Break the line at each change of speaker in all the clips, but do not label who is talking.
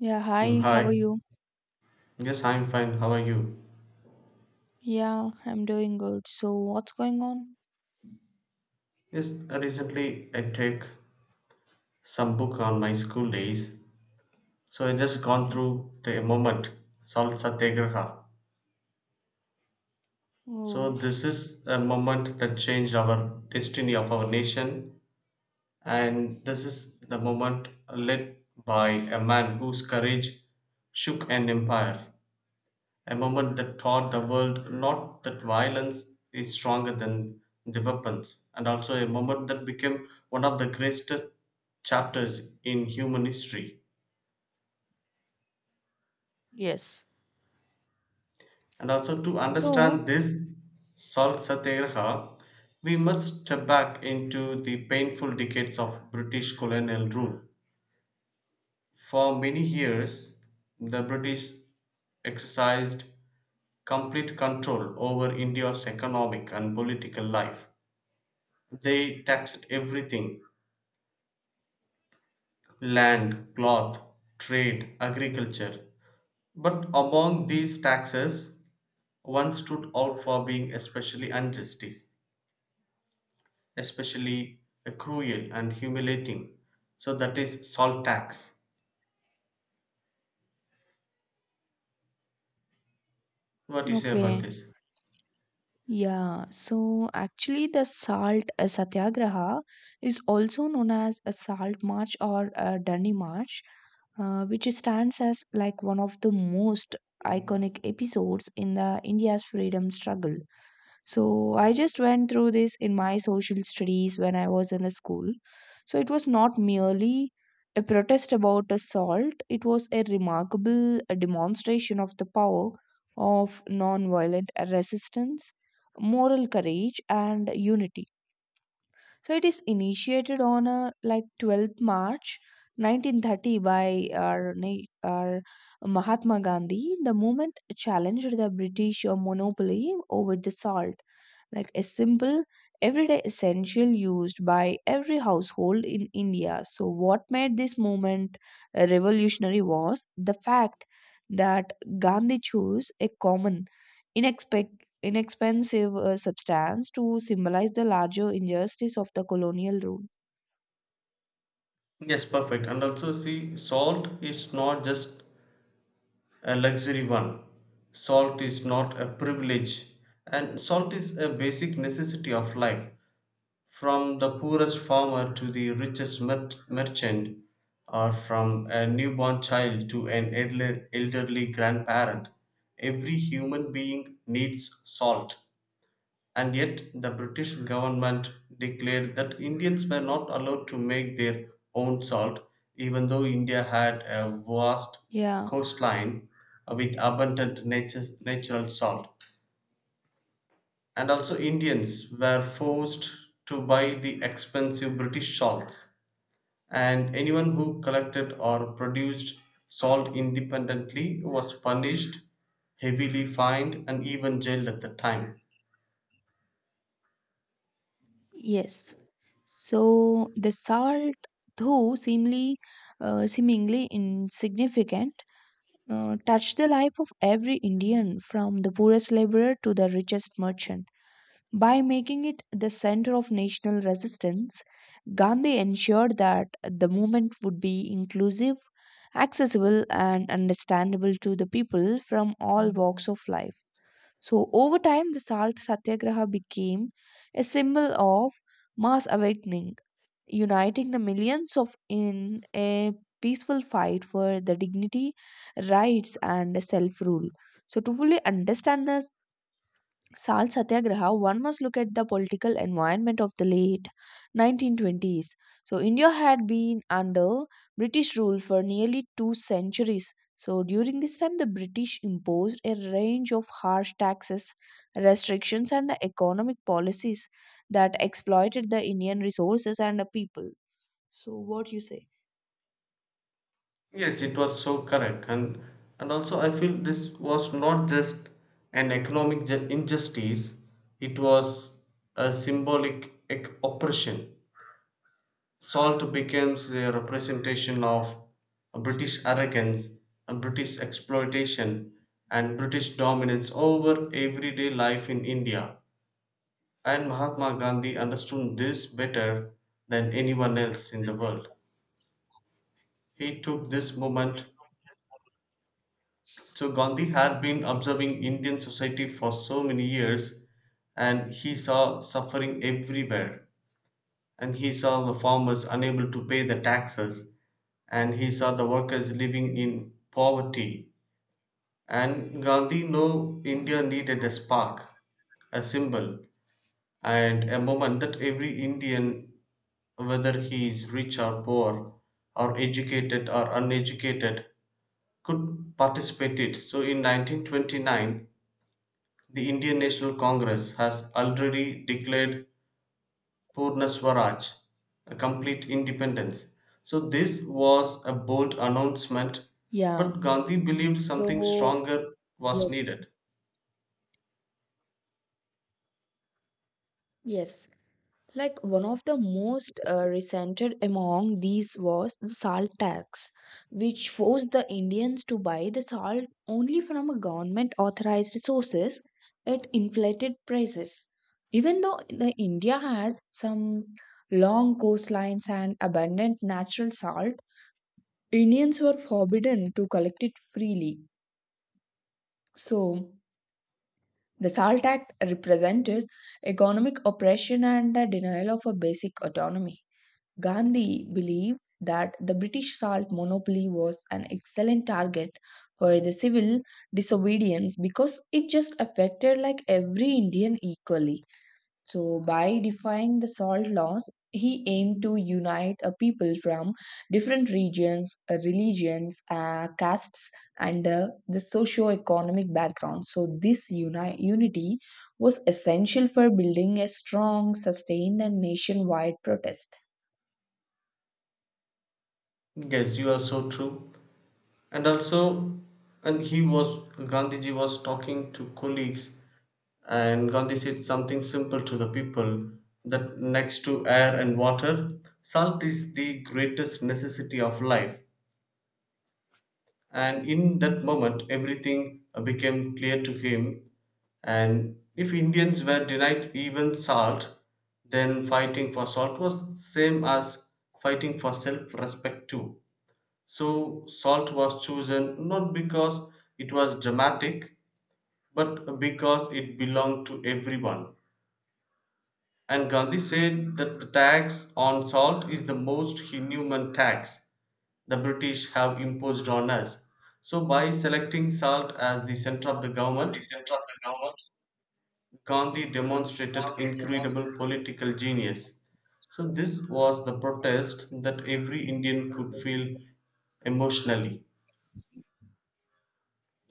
Yeah, hi, how are
Hi.
you?
Yes, I'm fine. How are you?
Yeah, I'm doing good. So, what's going on?
Yes, recently I take some book on my school days. So I just gone
Yeah.
through the moment, Salt Satyagraha. So
Oh,
this is a moment that changed our destiny of our nation, and this is the moment led by a man whose courage shook an empire. A moment that taught the world not that violence is stronger than the weapons, and also a moment that became one of the greatest chapters in human history.
yes.
And also to
So,
understand this Salt Satyagraha, we must step back into the painful decades of British colonial rule. For many years, the British exercised complete control over India's economic and political life. They taxed everything: land, cloth, trade, agriculture. But among these taxes, one stood out for being especially injustice, especially cruel and humiliating. So that is salt tax. What do you say about
okay.
this?
Yeah, so actually, the salt satyagraha is also known as a salt march or a Dandi march, which stands as like one of the most iconic episodes in the India's freedom struggle. So I just went through this in my social studies when I was in the school. So it was not merely a protest about assault, it was a remarkable demonstration of the power of nonviolent resistance, moral courage, and unity. So it is initiated on a like 12th March 1930 by our Mahatma Gandhi. The movement challenged the British monopoly over the salt like a simple everyday essential used by every household in India. So, what made this movement revolutionary was the fact that Gandhi chose a common, inexpensive substance to symbolize the larger injustice of the colonial rule.
Yes, perfect. And also, see, salt is not just a luxury one. Salt is not a privilege. And salt is a basic necessity of life. From the poorest farmer to the richest merchant, or from a newborn child to an elderly grandparent, every human being needs salt. And yet, the British government declared that Indians were not allowed to make their own salt, even though India had a vast
Yeah,
coastline with abundant natural salt, and also Indians were forced to buy the expensive British salts, and anyone who collected or produced salt independently was punished, heavily fined, and even jailed at the time.
yes. So, the salt, though seemingly insignificant, touched the life of every Indian from the poorest laborer to the richest merchant. By making it the center of national resistance, Gandhi ensured that the movement would be inclusive, accessible, and understandable to the people from all walks of life. So, over time, the salt satyagraha became a symbol of mass awakening uniting the millions of in a peaceful fight for the dignity, rights, and self rule. So, to fully understand the Salt Satyagraha, one must look at the political environment of the late 1920s. So, India had been under British rule for nearly two centuries. So, during this time, the British imposed a range of harsh taxes, restrictions, and the economic policies that exploited the Indian resources and the people. So what you say?
Yes, it was so correct, and also I feel this was not just an economic injustice; it was a symbolic oppression. Salt becomes a representation of British arrogance, British exploitation, and British dominance over everyday life in India. And Mahatma Gandhi understood this better than anyone else in the world. He took this moment. So, Gandhi had been observing Indian society for so many years, and he saw suffering everywhere. And he saw the farmers unable to pay the taxes, and he saw the workers living in poverty. And Gandhi knew India needed a spark, a symbol, and a moment that every Indian, whether he is rich or poor, or educated or uneducated, could participate in. So in 1929, the Indian National Congress has already declared Purna Swaraj, a complete independence. So, this was a bold announcement,
Yeah.
but Gandhi believed something
So,
stronger was
yes,
needed.
yes. Like one of the most resented among these was the salt tax, which forced the Indians to buy the salt only from a government authorized sources at inflated prices. Even though the India had some long coastlines and abundant natural salt, Indians were forbidden to collect it freely. So, the SALT Act represented economic oppression and a denial of a basic autonomy. Gandhi believed that the British salt monopoly was an excellent target for the civil disobedience because it just affected like every Indian equally. So, by defying the salt laws, he aimed to unite a people from different regions, religions, castes, and the socio-economic background. So, this unity was essential for building a strong, sustained, and nationwide protest.
Yes, you are so true. And also, Gandhiji was talking to colleagues, and Gandhi said something simple to the people that next to air and water, salt is the greatest necessity of life. And in that moment everything became clear to him, and if Indians were denied even salt, then fighting for salt was same as fighting for self respect too. So salt was chosen not because it was dramatic, but because it belonged to everyone. And Gandhi said that the tax on salt is the most inhuman tax the British have imposed on us. So, by selecting salt as the center of the government, Gandhi demonstrated incredible political genius. So, this was the protest that every Indian could feel emotionally.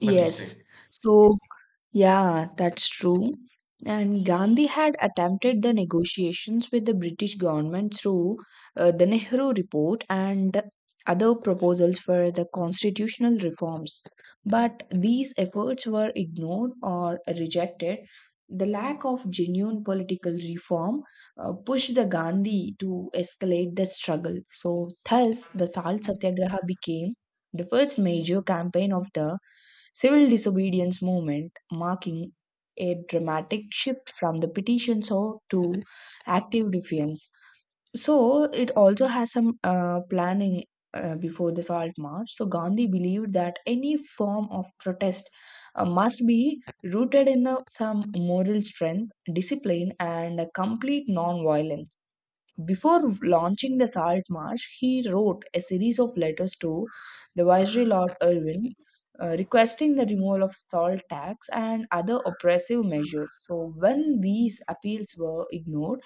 What you
Yes.
say?
So, Yeah, that's true. And Gandhi had attempted the negotiations with the British government through the Nehru Report and other proposals for the constitutional reforms. But these efforts were ignored or rejected. The lack of genuine political reform pushed the Gandhi to escalate the struggle. So, thus, the Salt Satyagraha became the first major campaign of the civil disobedience movement, marking a dramatic shift from the petition so to active defiance. So it also has some planning before the salt march. So Gandhi believed that any form of protest must be rooted in some moral strength, discipline, and a complete non-violence. Before launching the Salt March, he wrote a series of letters to the Viceroy Lord Irwin requesting the removal of salt tax and other oppressive measures. So, when these appeals were ignored,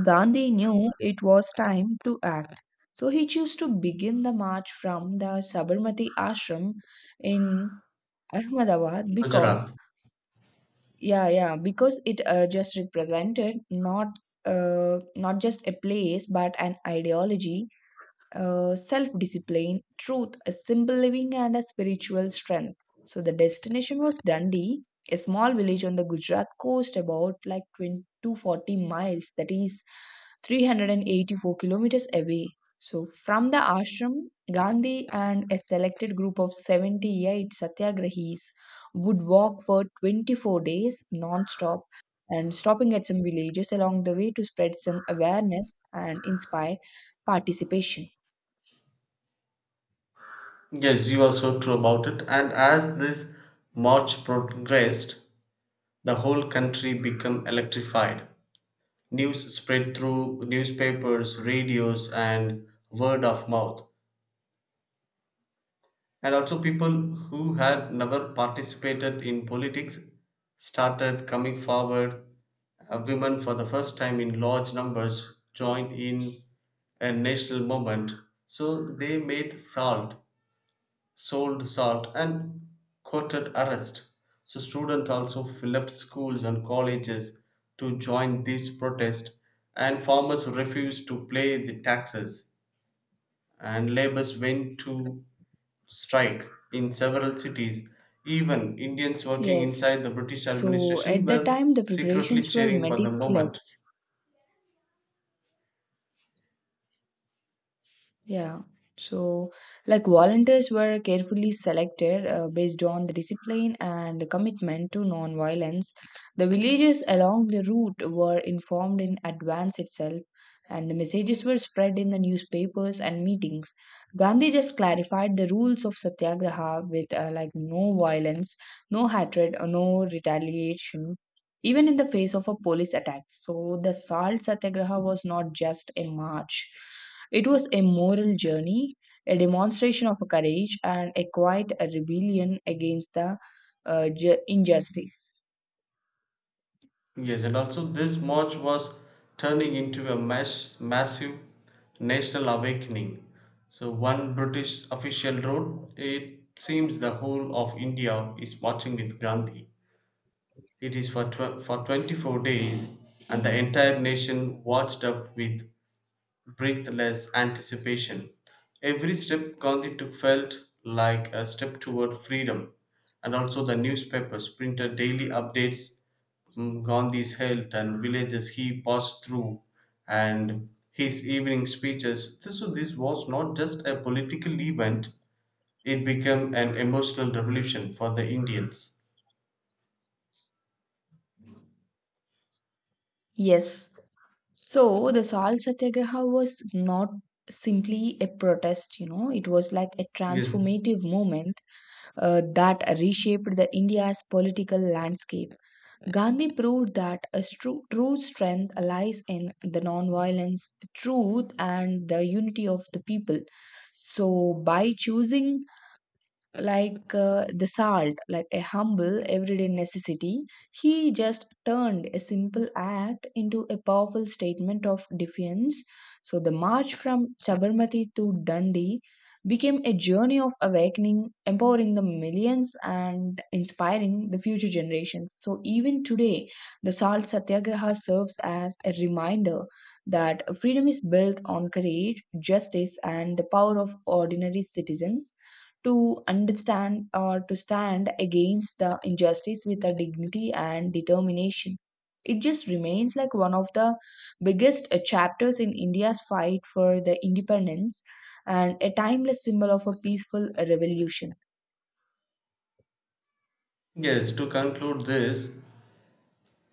Gandhi knew it was time to act. So, he chose to begin the march from the Sabarmati Ashram in Ahmedabad
Gujarat.
because yeah because it just represented not just a place but an ideology, self discipline, truth, a simple living, and a spiritual strength. So the destination was Dundee, a small village on the Gujarat coast, about like 240 miles, that is 384 kilometers away. So from the ashram, Gandhi and a selected group of 78 satyagrahis would walk for 24 days non-stop and stopping at some villages along the way to spread some awareness and inspire participation.
Yes, you are so true about it. And as this march progressed, the whole country became electrified. News spread through newspapers, radios, and word of mouth. And also, people who had never participated in politics started coming forward. Women, for the first time in large numbers, joined in a national movement. So they made salt, sold salt, and courted arrest. So students also left schools and colleges to join these protests, and farmers refused to pay the taxes, and laborers went to strike in several cities. Even Indians working
Yes.
inside the British
So
administration
at that
were
time, the
secretly
preparations were
cheering for the movement.
meticulous. Yeah. So, like volunteers were carefully selected based on the discipline and the commitment to non-violence. The villages along the route were informed in advance itself, and the messages were spread in the newspapers and meetings. Gandhi just clarified the rules of satyagraha with like no violence, no hatred, or no retaliation. Even in the face of a police attack. So the salt satyagraha was not just a march. It was a moral journey, a demonstration of courage, and a quiet rebellion against the injustice.
Yes, and also this march was turning into a massive national awakening. So, one British official wrote, It seems the whole of India is marching with Gandhi. It is for 24 days, and the entire nation watched up with breathless anticipation. Every step Gandhi took felt like a step toward freedom, and also the newspapers printed daily updates, Gandhi's health and villages he passed through, and his evening speeches. So this was not just a political event, it became an emotional revolution for the Indians.
Yes, so the Salt Satyagraha was not simply a protest, you know, it was like a
Yes.
transformative movement that reshaped the India's political landscape. Gandhi proved that a true strength lies in the non-violence, truth, and the unity of the people. So, by choosing the salt, like a humble everyday necessity, he just turned a simple act into a powerful statement of defiance. So the march from Sabarmati to Dundee became a journey of awakening, empowering the millions and inspiring the future generations. So even today, the Salt Satyagraha serves as a reminder that freedom is built on courage, justice, and the power of ordinary citizens to understand or to stand against the injustice with a dignity and determination. It just remains like one of the biggest chapters in India's fight for the independence and a timeless symbol of a peaceful revolution.
Yes, to conclude this,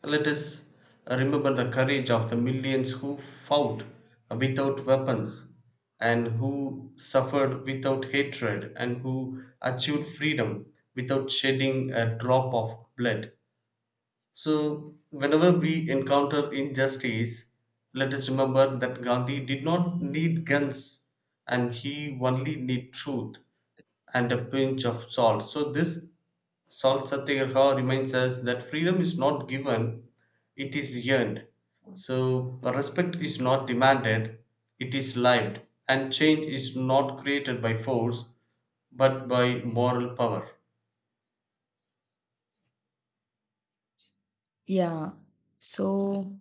let us remember the courage of the millions who fought without weapons, and who suffered without hatred, and who achieved freedom without shedding a drop of blood. So, whenever we encounter injustice, let us remember that Gandhi did not need guns, and he only needed truth and a pinch of salt. So, this Salt Satyagraha reminds us that freedom is not given, it is yearned. So, respect is not demanded, it is lived. And change is not created by force, but by moral power.
Yeah. So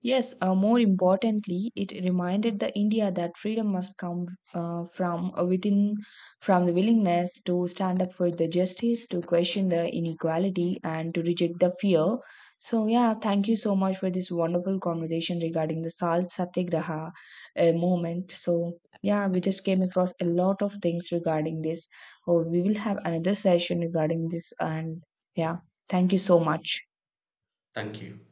Yes, more importantly, it reminded the India that freedom must come from within, from the willingness to stand up for the justice, to question the inequality, and to reject the fear. So, yeah, thank you so much for this wonderful conversation regarding the Salt Satyagraha movement. So, yeah, we just came across a lot of things regarding this. Oh, we will have another session regarding this, and yeah, thank you so much.
Thank you.